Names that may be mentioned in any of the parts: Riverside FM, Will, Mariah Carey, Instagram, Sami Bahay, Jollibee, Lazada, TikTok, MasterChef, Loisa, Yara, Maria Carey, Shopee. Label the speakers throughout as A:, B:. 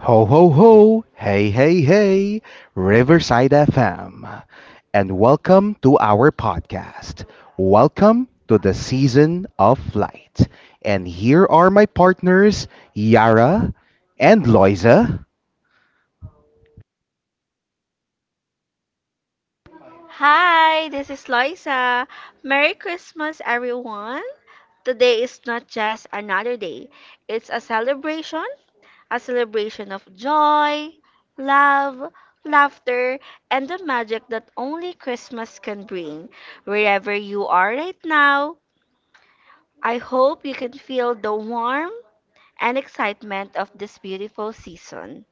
A: Ho, ho, ho! Hey, hey, hey! Riverside FM. And welcome to our podcast. Welcome to the season of light. And here are my partners, Yara and Loiza.
B: Hi, this is Loisa. Merry Christmas, everyone. Today is not just another day, it's a celebration of joy, love, laughter, and the magic that only Christmas can bring. Wherever you are right now, I hope you can feel the warmth and excitement of this beautiful season.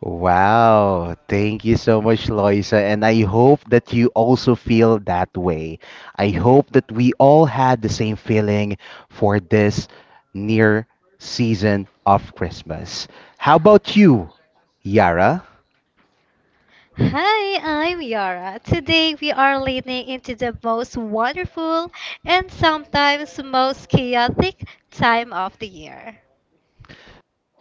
A: Wow, thank you so much, Loisa. And I hope that you also feel that way. I hope that we all had the same feeling for this near season of Christmas. How about you, Yara?
C: Hi, I'm Yara. Today we are leaning into the most wonderful and sometimes most chaotic time of the year.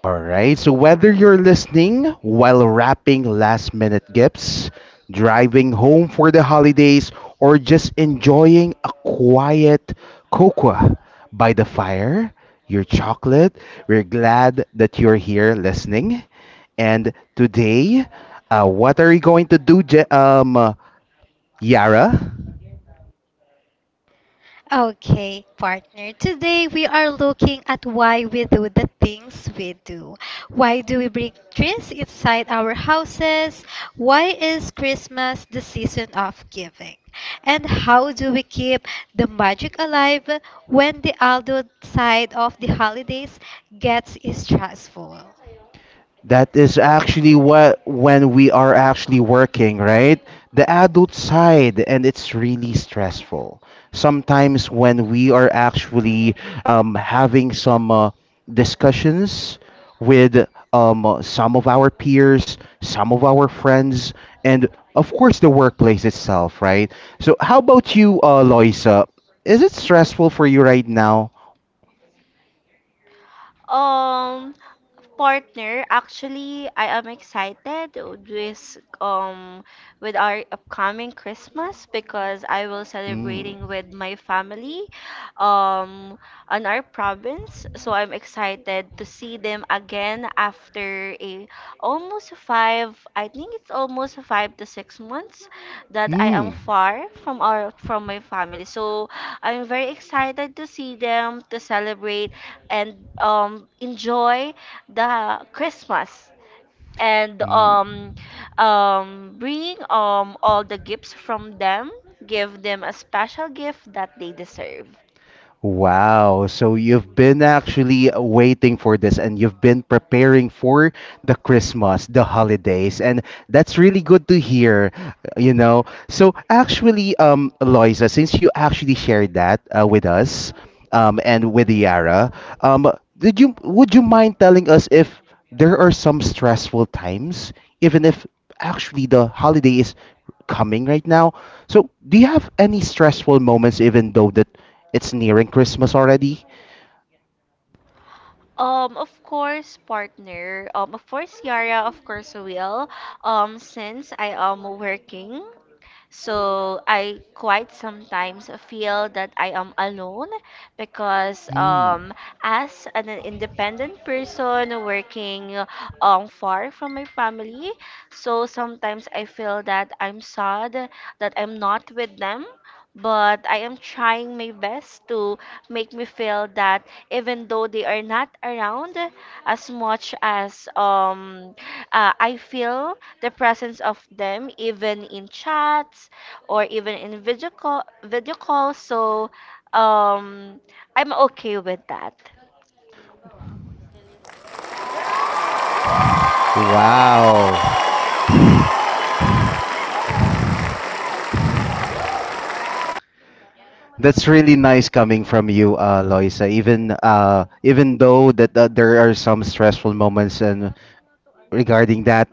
A: All right. So whether you're listening while wrapping last minute gifts, driving home for the holidays, or just enjoying a quiet cocoa by the fire, your chocolate, we're glad that you're here listening. And today, what are we going to do, Yara?
C: Okay, partner. Today we are looking at why we do the things we do. Why do we bring trees inside our houses? Why is Christmas the season of giving? And how do we keep the magic alive when the adult side of the holidays gets stressful?
A: That is actually what when we are actually working, right? The adult side, and it's really stressful. Sometimes when we are actually having some discussions with some of our peers, some of our friends, and of course the workplace itself, right? So, how about you, Loisa? Is it stressful for you right now?
B: Um, Partner, actually, I am excited with our upcoming Christmas because I will
A: Mm.
B: celebrating with my family um on our province. So I'm excited to see them again after a almost five, I think it's almost 5 to 6 months that I am
A: Mm.
B: far from our from my family. So I'm very excited to see them, to celebrate and enjoy the Christmas, and
A: Mm.
B: bring all the gifts from them, give them a special gift that they deserve.
A: Wow. So you've been actually waiting for this and you've been preparing for the Christmas, the holidays, and that's really good to hear, you know. So actually, Loisa, since you actually shared that with us, and with Yara, um, did you would you mind telling us if there are some stressful times, even if actually the holiday is coming right now? So do you have any stressful moments even though that it's nearing Christmas already.
B: Of course, partner. Of course, Yara, of course, will. Since I am working, so I quite sometimes feel that I am alone because
A: Hmm.
B: as an independent person working far from my family, so sometimes I feel that I'm sad that I'm not with them. But I am trying my best to make me feel that even though they are not around as much as I feel the presence of them even in chats or even in video calls. Um, I'm okay with that.
A: Wow. That's really nice coming from you, Loisa. Even even though that there are some stressful moments and regarding that,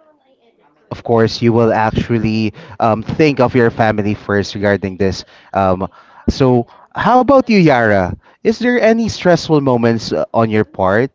A: of course, you will actually think of your family first regarding this. Um, so, how about you, Yara? Is there any stressful moments on your part?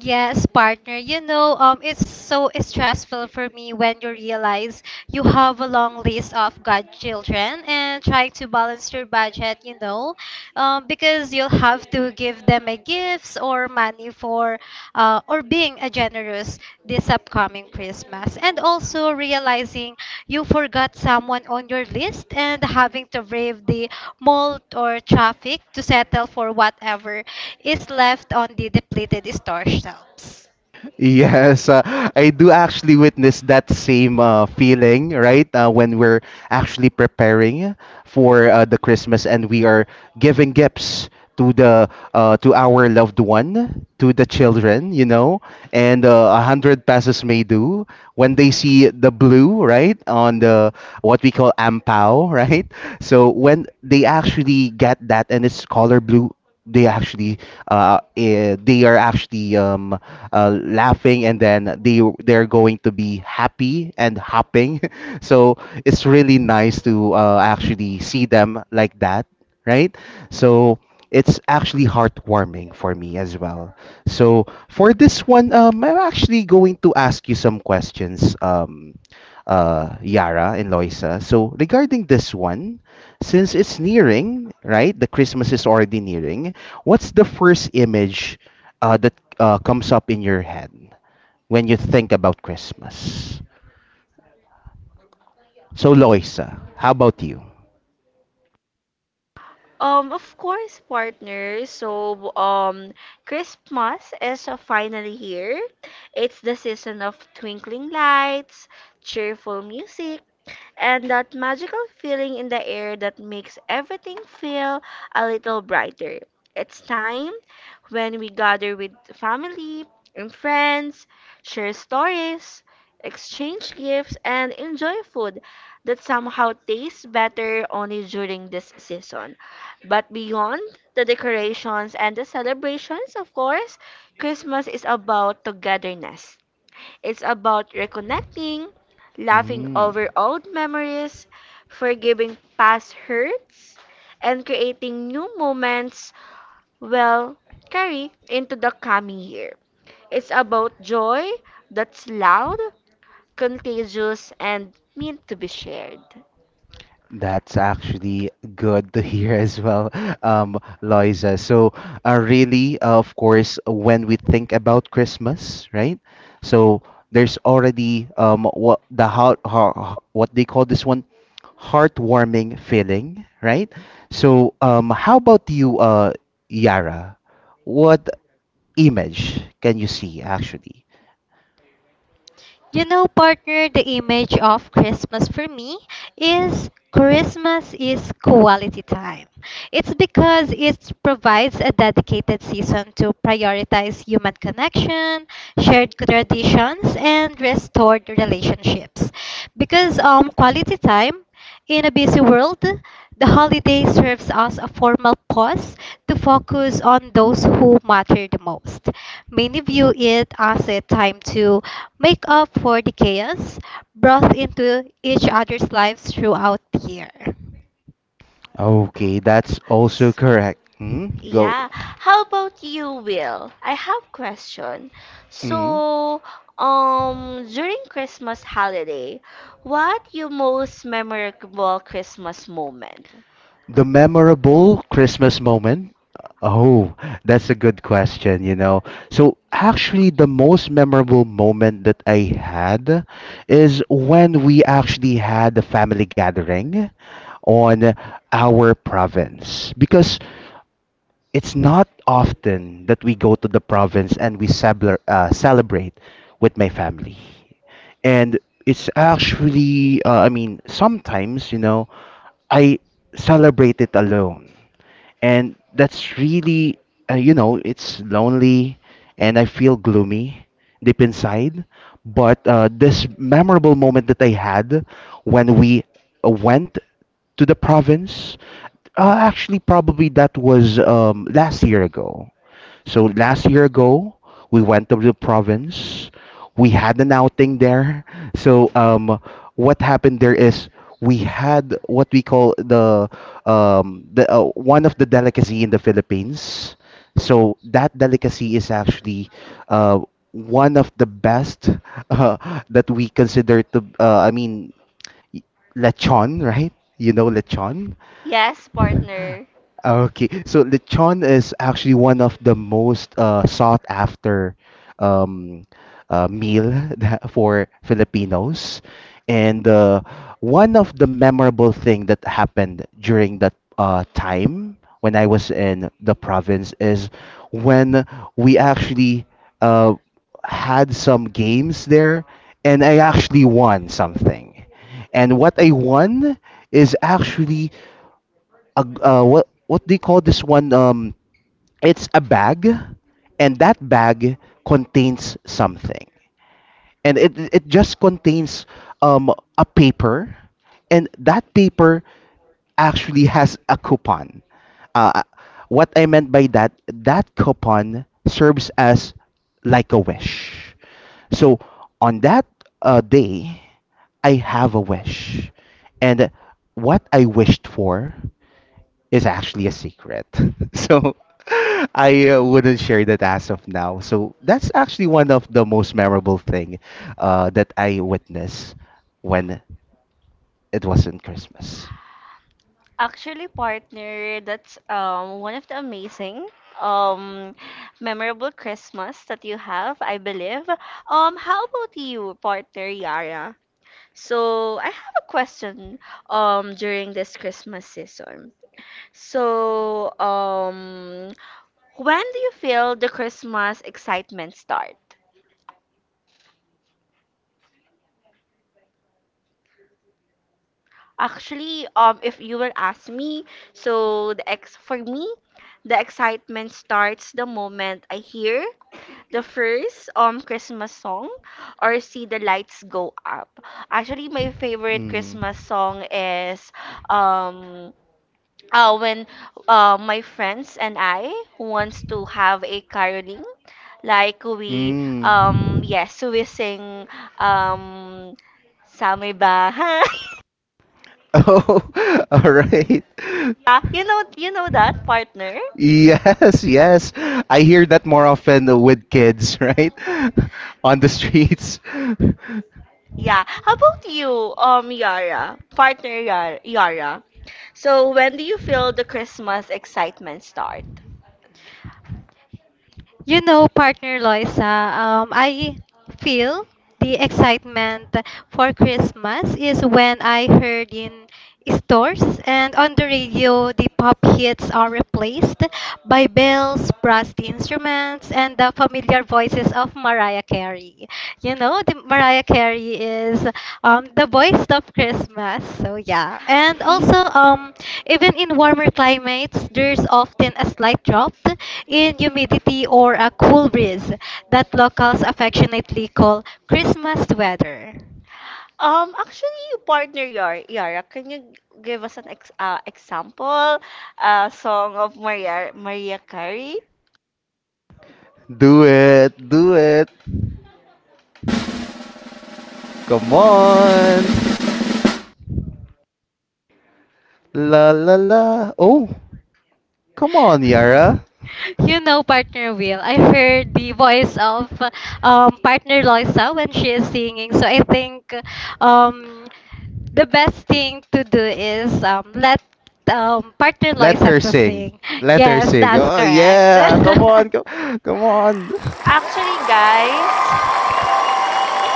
C: Yes, partner. You know, it's so stressful for me when you realize you have a long list of godchildren and trying to balance your budget, because you'll have to give them a gifts or money for, or being a generous this upcoming Christmas, and also realizing you forgot someone on your list and having to brave the mold or traffic to settle for whatever is left on the depleted store shelves.
A: Yes, I do actually witness that same feeling, right? When we're actually preparing for the Christmas and we are giving gifts to the to our loved one, to the children, you know, and a hundred passes may do when they see the blue, right, on the what we call ampao, right? So when they actually get that and it's color blue, they actually they are actually laughing and then they're going to be happy and hopping so it's really nice to actually see them like that, right. So it's actually heartwarming for me as well. So for this one, I'm actually going to ask you some questions, Yara and Loisa. So regarding this one, since it's nearing, right? The Christmas is already nearing. What's the first image that comes up in your head when you think about Christmas? So, Loisa, how about you?
B: Of course, partners. Christmas is finally here. It's the season of twinkling lights, cheerful music, and that magical feeling in the air that makes everything feel a little brighter. It's time when we gather with family and friends, share stories, exchange gifts, and enjoy food that somehow tastes better only during this season. But beyond the decorations and the celebrations, of course, Christmas is about togetherness. It's about reconnecting, laughing
A: Mm.
B: over old memories, forgiving past hurts, and creating new moments well carry into the coming year. It's about joy that's loud, contagious, and meant to be shared.
A: That's actually good to hear as well, Loisa. So, really, of course, when we think about Christmas, right? So there's already what how what they call this one, heartwarming feeling, right? So, how about you, Yara? What image can you see actually?
C: You know, partner, the image of Christmas for me is Christmas is quality time. It's because it provides a dedicated season to prioritize human connection, shared traditions, and restored relationships. Because quality time in a busy world, the holiday serves as a formal pause to focus on those who matter the most. Many view it as a time to make up for the chaos brought into each other's lives throughout the year.
A: Okay, that's also correct. Hmm? Go.
B: Yeah. How about you, Will? I have question.
A: Mm.
B: So, During Christmas holiday, what your most memorable Christmas moment?
A: The memorable Christmas moment? Oh, that's a good question, you know. So, actually, the most memorable moment that I had is when we actually had a family gathering on our province. Because it's not often that we go to the province and we celebrate with my family. And it's actually, I mean, sometimes, you know, I celebrate it alone. And that's really, you know, it's lonely and I feel gloomy deep inside. But this memorable moment that I had when we went to the province, actually, probably that was last year ago. So last year ago, we went to the province. We had an outing there. So what happened there is we had what we call the one of the delicacy in the Philippines. So that delicacy is actually uh, one of the best uh, that we consider to. I mean, y- lechon, right? You know lechon.
B: Yes, partner.
A: Okay, so lechon is actually one of the most sought after um, meal that- for Filipinos, and one of the memorable thing that happened during that time when I was in the province is when we actually uh, had some games there, and I actually won something, and what I won is actually a g- what do you call this one? It's a bag, and that bag contains something, and it just contains a paper, and that paper actually has a coupon. Uh, what I meant by that, that coupon serves as like a wish. So on that day, I have a wish, and what I wished for is actually a secret. So I wouldn't share that as of now. So that's actually one of the most memorable thing that I witnessed when it wasn't Christmas.
B: Actually, partner, that's one of the amazing um memorable Christmas that you have, I believe. How about you, partner Yara? So, I have a question during this Christmas season. So, when do you feel the Christmas excitement start? Actually, if you will ask me, so the ex for me, the excitement starts the moment I hear the first Christmas song or see the lights go up. Actually, my favorite
A: Mm.
B: Christmas song is um when my friends and I who wants to have a caroling. Like we
A: Mm.
B: yes, we sing um Sami Bahay.
A: Oh, all right.
B: Yeah, you know, you know that, partner?
A: Yes, yes. I hear that more often with kids, right? On the streets.
B: Yeah. How about you, Yara? Partner Yara. Yara. So when do you feel the Christmas excitement start?
C: You know, partner Loisa, I feel the excitement for Christmas is when I heard in stores and on the radio the pop hits are replaced by bells, brass instruments, and the familiar voices of Mariah Carey. You know, the Mariah Carey is the voice of Christmas. So yeah, and
B: Y-
C: also even in warmer climates, there's often a slight drop in humidity or a cool breeze that locals affectionately call Christmas weather.
B: Actually, partner Yara, can you give us an ex example, song of Maria Carey?
A: Do it, do it. Come on. La la la. Oh, come on, Yara.
C: You know, partner Will. I heard the voice of partner Loisa when she is singing. So I think um, the best thing to do is let partner
A: Let
C: Loisa
A: her
C: to
A: sing.
C: sing.
A: Let her
C: Yes,
A: sing.
C: that's
A: Oh,
C: correct.
A: yeah. Come on. Come on.
B: Actually, guys,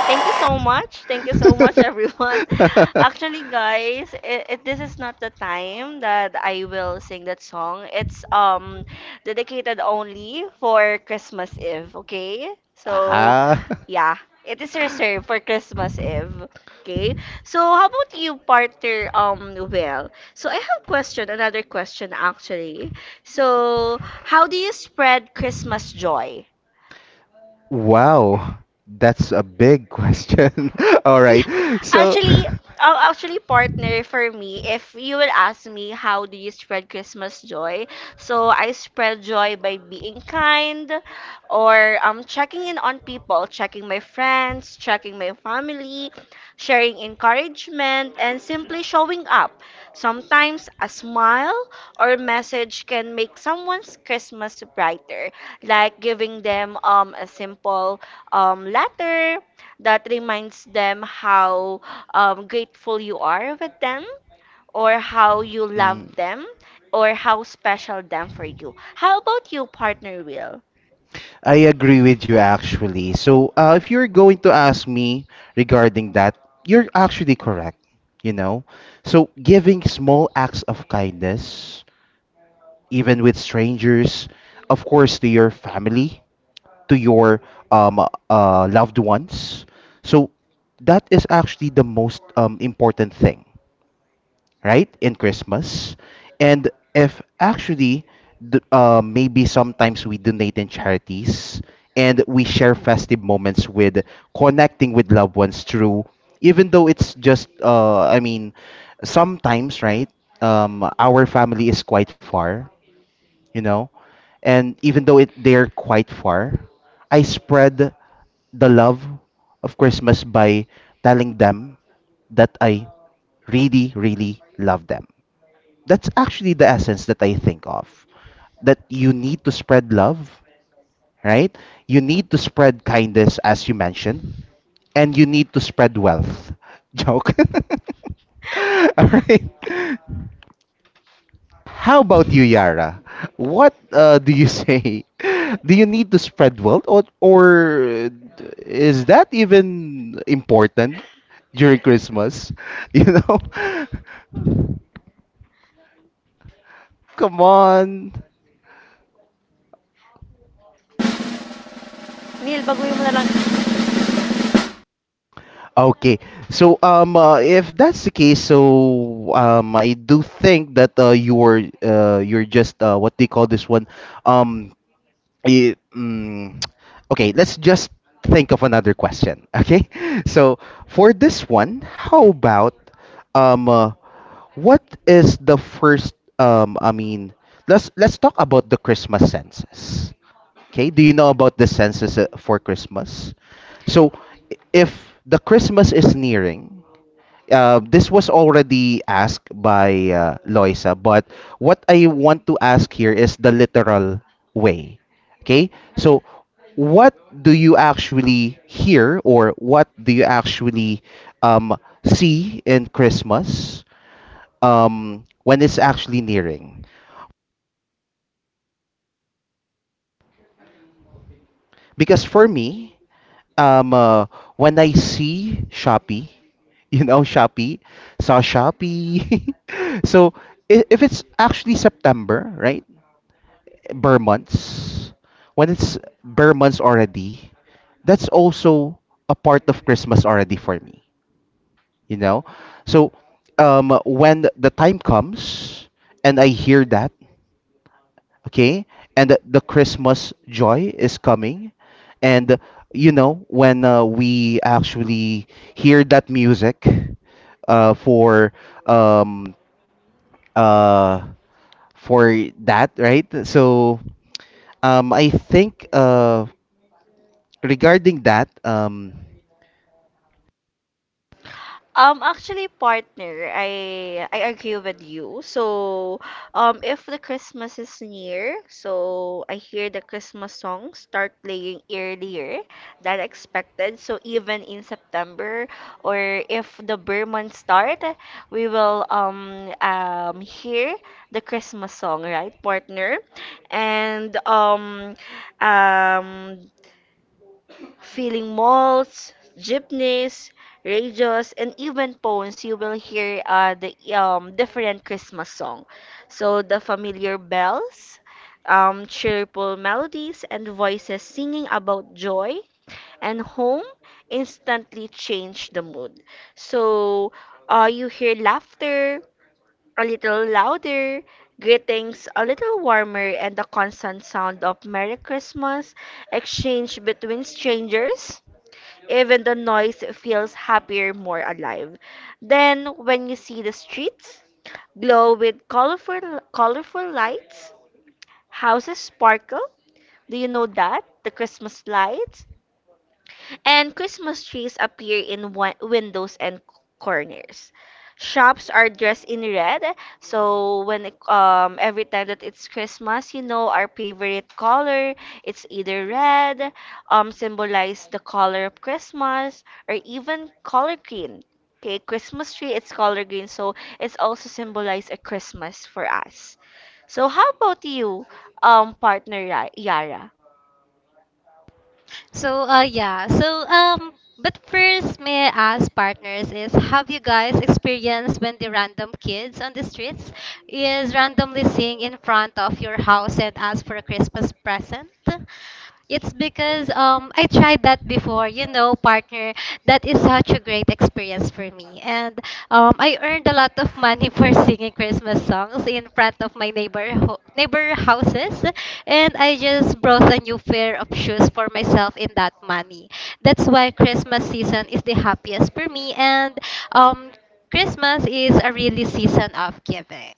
B: thank you so much. Thank you so much, everyone. Actually, guys, this is not the time that I will sing that song. It's dedicated only for Christmas Eve, okay? So,
A: Ah.
B: yeah, it is reserved for Christmas Eve. Okay. So, how about you, partner? Well, so I have question, another question actually. So, how do you spread Christmas joy?
A: Wow, that's a big question. All
B: Yeah,
A: right. So,
B: actually, actually, partner, for me, if you will ask me how do you spread Christmas joy, so I spread joy by being kind, or checking in on people, checking my friends, checking my family, sharing encouragement, and simply showing up. Sometimes a smile or message can make someone's Christmas brighter, like giving them a simple letter that reminds them how grateful you are with them, or how you love them, or how special them for you. How about you, partner Will?
A: I agree with you actually. So, if you're going to ask me regarding that, you're actually correct, you know? So, giving small acts of kindness, even with strangers, of course, to your family, to your loved ones. So, that is actually the most important thing, right? In Christmas. And if actually, maybe sometimes we donate in charities and we share festive moments with connecting with loved ones through, even though it's just, I mean, sometimes, right? Our family is quite far, you know, and even though it they're quite far, I spread the love of Christmas by telling them that I really, really love them. That's actually the essence that I think of. That you need to spread love, right? You need to spread kindness, as you mentioned, and you need to spread wealth. Joke. All right. How about you, Yara? What do you say? Do you need to spread wealth, or is that even important during Christmas? You know? Come on.
B: Neil, baguhin mo na lang.
A: Okay. So if that's the case, so I do think that you're just what do you call this one? Um, i- mm, okay, let's just think of another question. Okay? So for this one, how about um uh, what is the first I mean, let's talk about the Christmas senses. Okay, do you know about the census for Christmas? So, if the Christmas is nearing, this was already asked by Loisa, but what I want to ask here is the literal way. Okay, so what do you actually hear or what do you actually um, see in Christmas when it's actually nearing? Because for me, um, uh, when I see Shopee, you know Shopee, saw Shopee. So if it's actually September, right? Bare months. When it's bare months already, that's also a part of Christmas already for me. You know, so when the time comes and I hear that, okay, and the Christmas joy is coming and you know when we actually hear that music uh, for um uh for that, right? So I think regarding that
B: Actually, partner, I agree with you. So, if the Christmas is near, so I hear the Christmas songs start playing earlier than expected. So even in September, or if the Burr month start, we will hear the Christmas song, right, partner? And um filling malls, jeepneys, radios, and even phones, you will hear the different Christmas song. So the familiar bells, cheerful melodies, and voices singing about joy and home instantly change the mood. So you hear laughter a little louder, greetings a little warmer, and the constant sound of Merry Christmas exchange between strangers, even the noise feels happier, more alive. Then, when you see the streets glow with colorful lights, houses sparkle. Do you know that? The Christmas lights and Christmas trees appear in windows and corners. Shops are dressed in red, so every time that it's Christmas, you know our favorite color, it's either red, symbolize the color of Christmas, or even color green. Okay, Christmas tree, it's color green, so it's also symbolize a Christmas for us. So how about you, partner Yara?
C: So, but first, may I ask, partners, is have you guys experienced when the random kids on the streets is randomly sing in front of your house and ask for a Christmas present? It's because I tried that before, you know, partner. That is such a great experience for me. And I earned a lot of money for singing Christmas songs in front of my neighbor houses, and I just brought a new pair of shoes for myself in that money. That's why Christmas season is the happiest for me and um Christmas is a really season of giving.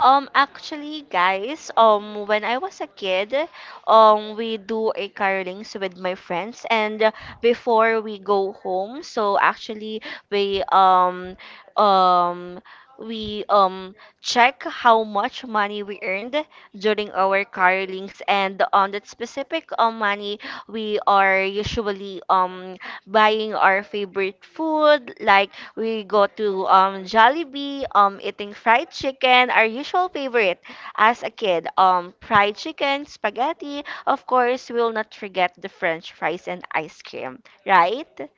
B: Actually, guys, when I was a kid, we do a carlings with my friends, and before we go home, so actually we um, um, we check how much money we earned during our carlings, and on that specific money, we are usually buying our favorite food. Like we go to Jollibee, eating fried chicken, our usual favorite as a kid, fried chicken, spaghetti, of course we'll not forget the french fries and ice cream, right?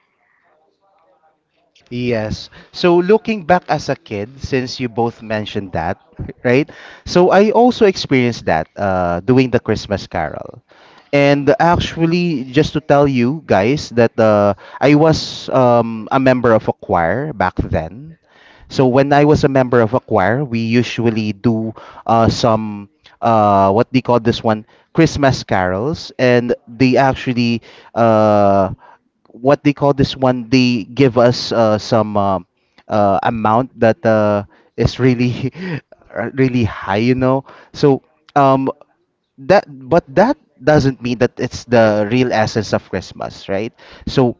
A: Yes. So looking back as a kid, since you both mentioned that, right? So I also experienced that doing the Christmas Carol. And actually, just to tell you guys that I was a member of a choir back then. So when I was a member of a choir, we usually do some what they call this one, Christmas carols, and they actually uh, what they call this one, they give us some amount that is really really high, you know. So um that doesn't mean that it's the real essence of Christmas, right? So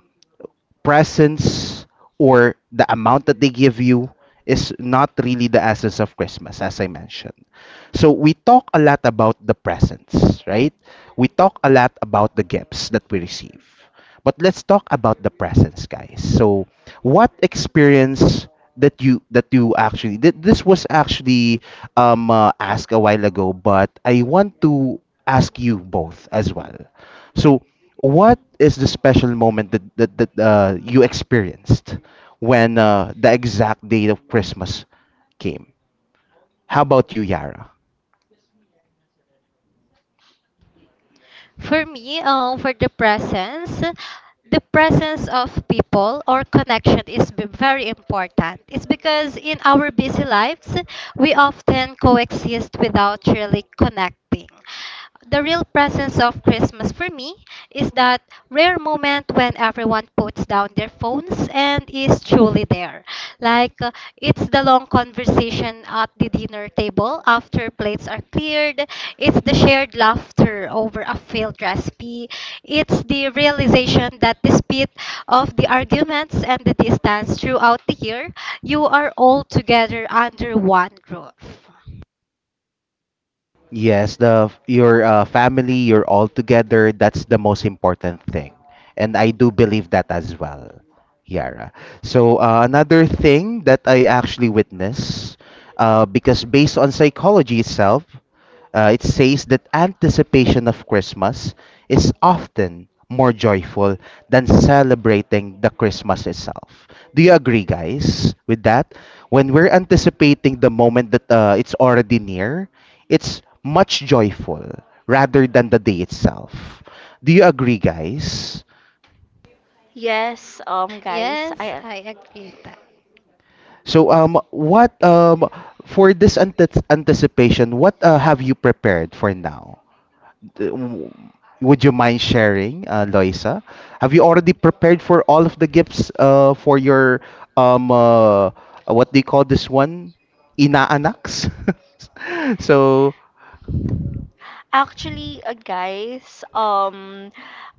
A: presents or the amount that they give you is not really the essence of Christmas, as I mentioned. So we talk a lot about the presents, right? We talk a lot about the gifts that we receive. But let's talk about the presents, guys. So what experience that you actually this was actually asked a while ago, but I want to ask you both as well. So what is the special moment that that you experienced when the exact date of Christmas came? How about you, Yara?
C: For me, for the presence of people or connection is very important. It's because in our busy lives, we often coexist without really connecting. The real presence of Christmas for me is that rare moment when everyone puts down their phones and is truly there. Like it's the long conversation at the dinner table after plates are cleared, it's the shared laughter over a failed recipe, it's the realization that despite of the arguments and the distance throughout the year, you are all together under one roof.
A: Yes, the your family, you're all together. That's the most important thing, and I do believe that as well, Yara. Another thing that I actually witness, because based on psychology itself, it says that anticipation of Christmas is often more joyful than celebrating the Christmas itself. Do you agree, guys, with that? When we're anticipating the moment that it's already near. It's much joyful rather than the day itself. Do you agree, guys?
B: yes guys
C: Yes,
B: I
C: I agree with that.
A: So, what for this anticipation, what have you prepared for now? D- w- Would you mind sharing, Loisa? Have you already prepared for all of the gifts for your um uh, what do you call this one? Inaanaks. so
B: Actually, guys, um,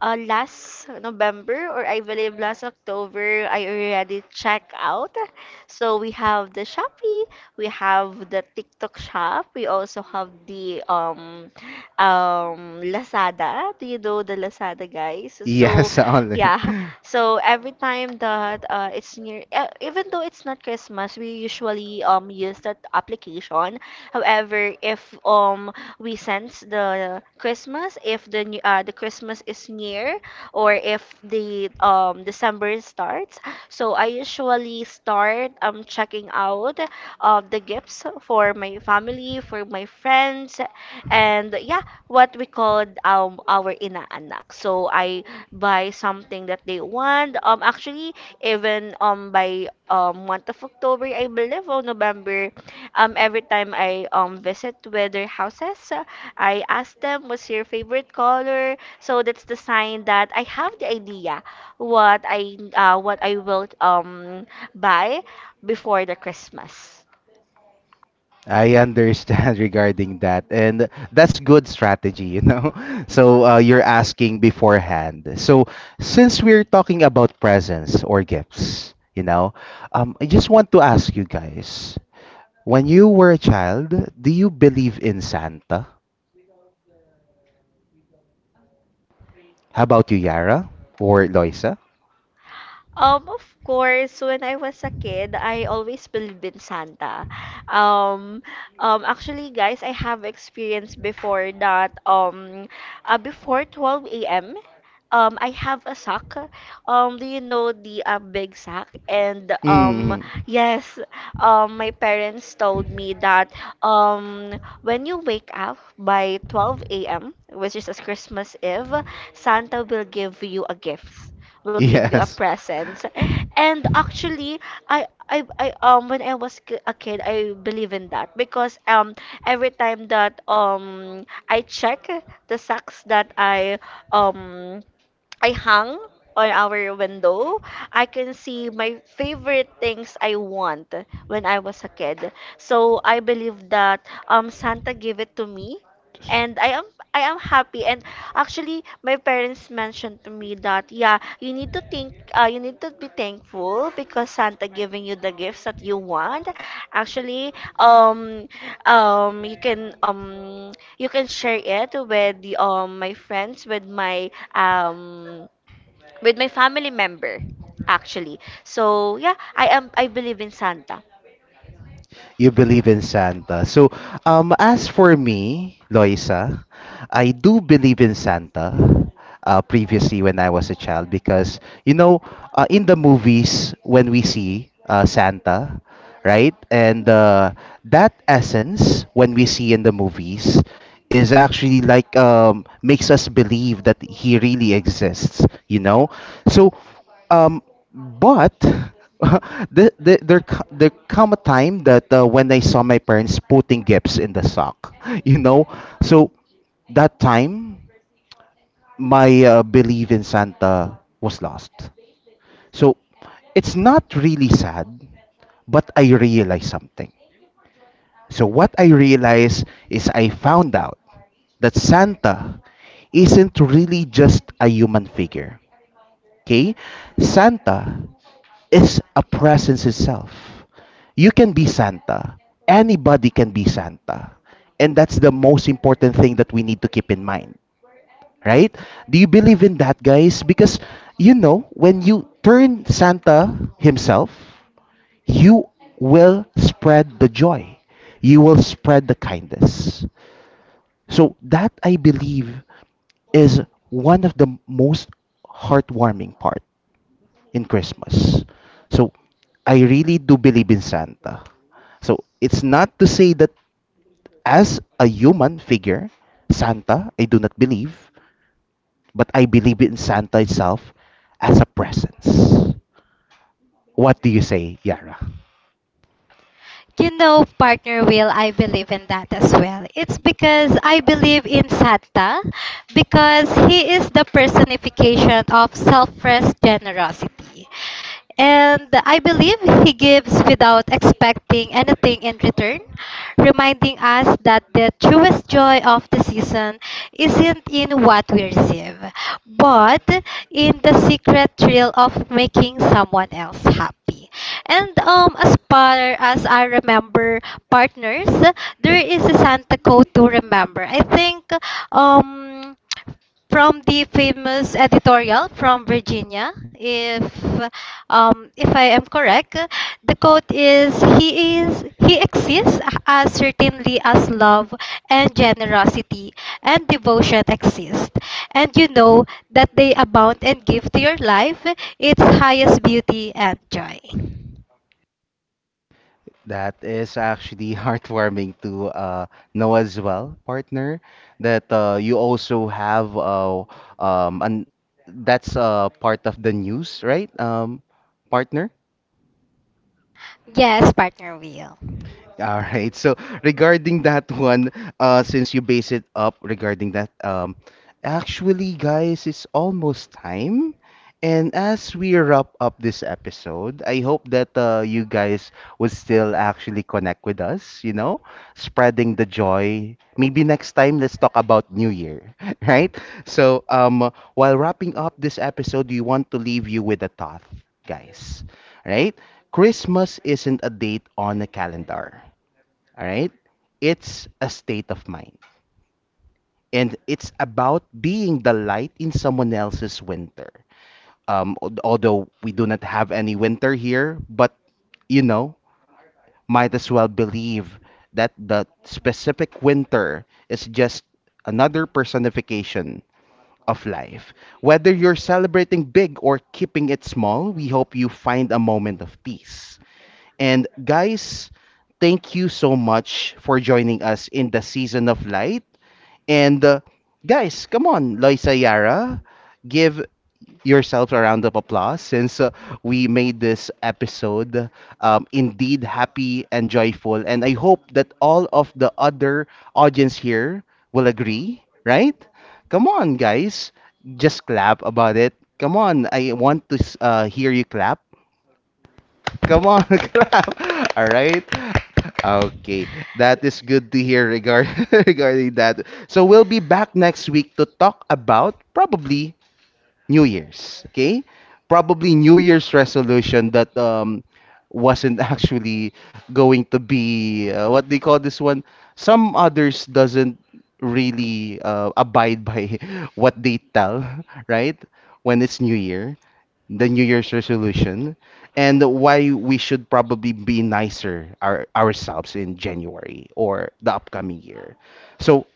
B: uh, last November, or I believe last October, I already checked out. So we have the Shopee, we have the TikTok shop, we also have the Lazada. Do you know the Lazada, guys? So
A: yes, only.
B: yeah, so every time that it's near, even though it's not Christmas, we usually use that application. However, if we sense the Christmas, if the Christmas is near, or if the December starts, so I usually start checking out of the gifts for my family, for my friends, and yeah, what we called our inaanak. So I buy something that they want. Actually, even by month of October, I believe, or November, every time I visit with their houses, I ask them what's your favorite color. So that's the sign that I have the idea what I will buy before the Christmas.
A: I understand regarding that. And that's good strategy, you know? You're asking beforehand. So since we're talking about presents or gifts, you know, I just want to ask you guys, when you were a child, do you believe in Santa? How about you, Yara or Loisa?
B: Of course, when I was a kid, I always believed in Santa. Um, Actually, guys, I have experience before that. Before 12 a.m. I have a sack. Do you know the big sack? And
A: Hmm.
B: yes, my parents told me that when you wake up by 12 a.m., which is as Christmas Eve, Santa will give you a gift, will give you a
A: Yes.
B: presents. And actually, I when I was a kid, I believe in that because every time that I check the sacks that um I hung on our window, I can see my favorite things I want when I was a kid. So I believe that Santa gave it to me, and I am happy. And actually, my parents mentioned to me that yeah, you need to think, you need to be thankful because Santa giving you the gifts that you want. Actually um you can you can share it with my friends, with my family member actually. So yeah, I believe in Santa.
A: You believe in Santa. So, as for me, Loisa, I do believe in Santa. Previously, when I was a child, because you know, in the movies, when we see Santa, right, and that essence when we see in the movies is actually like makes us believe that he really exists. You know, so um, but there come a time that when I saw my parents putting gifts in the sock, you know, so that time my belief in Santa was lost. So it's not really sad, but I realized something. So what I realized is I found out that Santa isn't really just a human figure. Okay? Santa is a presence itself. You can be Santa. Anybody can be Santa. And that's the most important thing that we need to keep in mind, right? Do you believe in that, guys? Because, you know, when you turn Santa himself, you will spread the joy, you will spread the kindness. So, that I believe is one of the most heartwarming part in Christmas. So I really do believe in Santa. So it's not to say that as a human figure, Santa, I do not believe, but I believe in Santa itself as a presence. What do you say, Yara?
C: You know, partner Will, I believe in that as well. It's because I believe in Santa because he is the personification of selfless generosity. And I believe he gives without expecting anything in return, reminding us that the truest joy of the season isn't in what we receive, but in the secret thrill of making someone else happy. And as far as I remember, partners, there is a Santa Claus to remember. I think um, from the famous editorial from Virginia. If I am correct, the quote is he exists as certainly as love and generosity and devotion exist. And you know that they abound and give to your life its highest beauty and joy.
A: That is actually heartwarming to know as well, partner, that you also have uh, and that's part of the news, right, partner?
C: Yes, partner Will.
A: All right. So regarding that one, since you base it up regarding that, actually, guys, it's almost time. And as we wrap up this episode, I hope that you guys would still actually connect with us, you know, spreading the joy. Maybe next time, let's talk about New Year, right? So, while wrapping up this episode, we want to leave you with a thought, guys, right? Christmas isn't a date on a calendar. All right. It's a state of mind. And it's about being the light in someone else's winter. Although we do not have any winter here, but you know, might as well believe that the specific winter is just another personification of life. Whether you're celebrating big or keeping it small, we hope you find a moment of peace. And guys, thank you so much for joining us in the season of light. And guys, come on, Loisa Yara, give yourselves a round of applause since we made this episode indeed happy and joyful. And I hope that all of the other audience here will agree, right? Come on, guys, just clap about it. Come on, I want to hear you clap. Come on, clap. All right. Okay, that is good to hear regard regarding that. So we'll be back next week to talk about probably New Year's, okay? Probably New Year's resolution that wasn't actually going to be what they call this one. Some others doesn't really abide by what they tell, right? When it's New Year, the New Year's resolution, and why we should probably be nicer ourselves in January or the upcoming year. So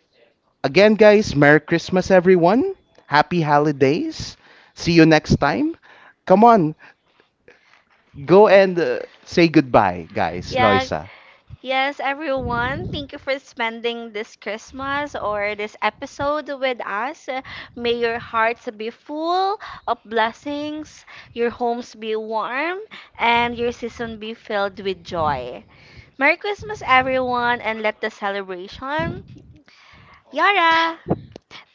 A: again, guys, Merry Christmas, everyone. Happy holidays. See you next time. Come on, go and say goodbye, guys.
B: Yeah.
A: Loisa.
B: Yes, everyone, thank you for spending this Christmas or this episode with us. May your hearts be full of blessings, your homes be warm, and your season be filled with joy. Merry Christmas, everyone, and let the celebration. Yara!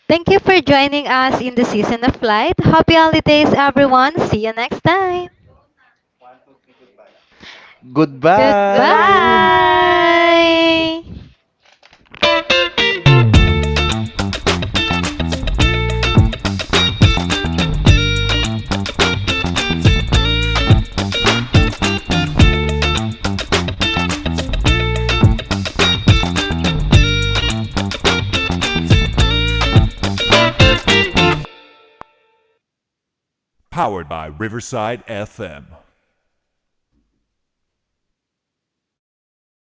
C: Thank you for joining us in the season of light. Happy holidays, everyone. See you next time. Goodbye.
B: Goodbye!
A: Goodbye.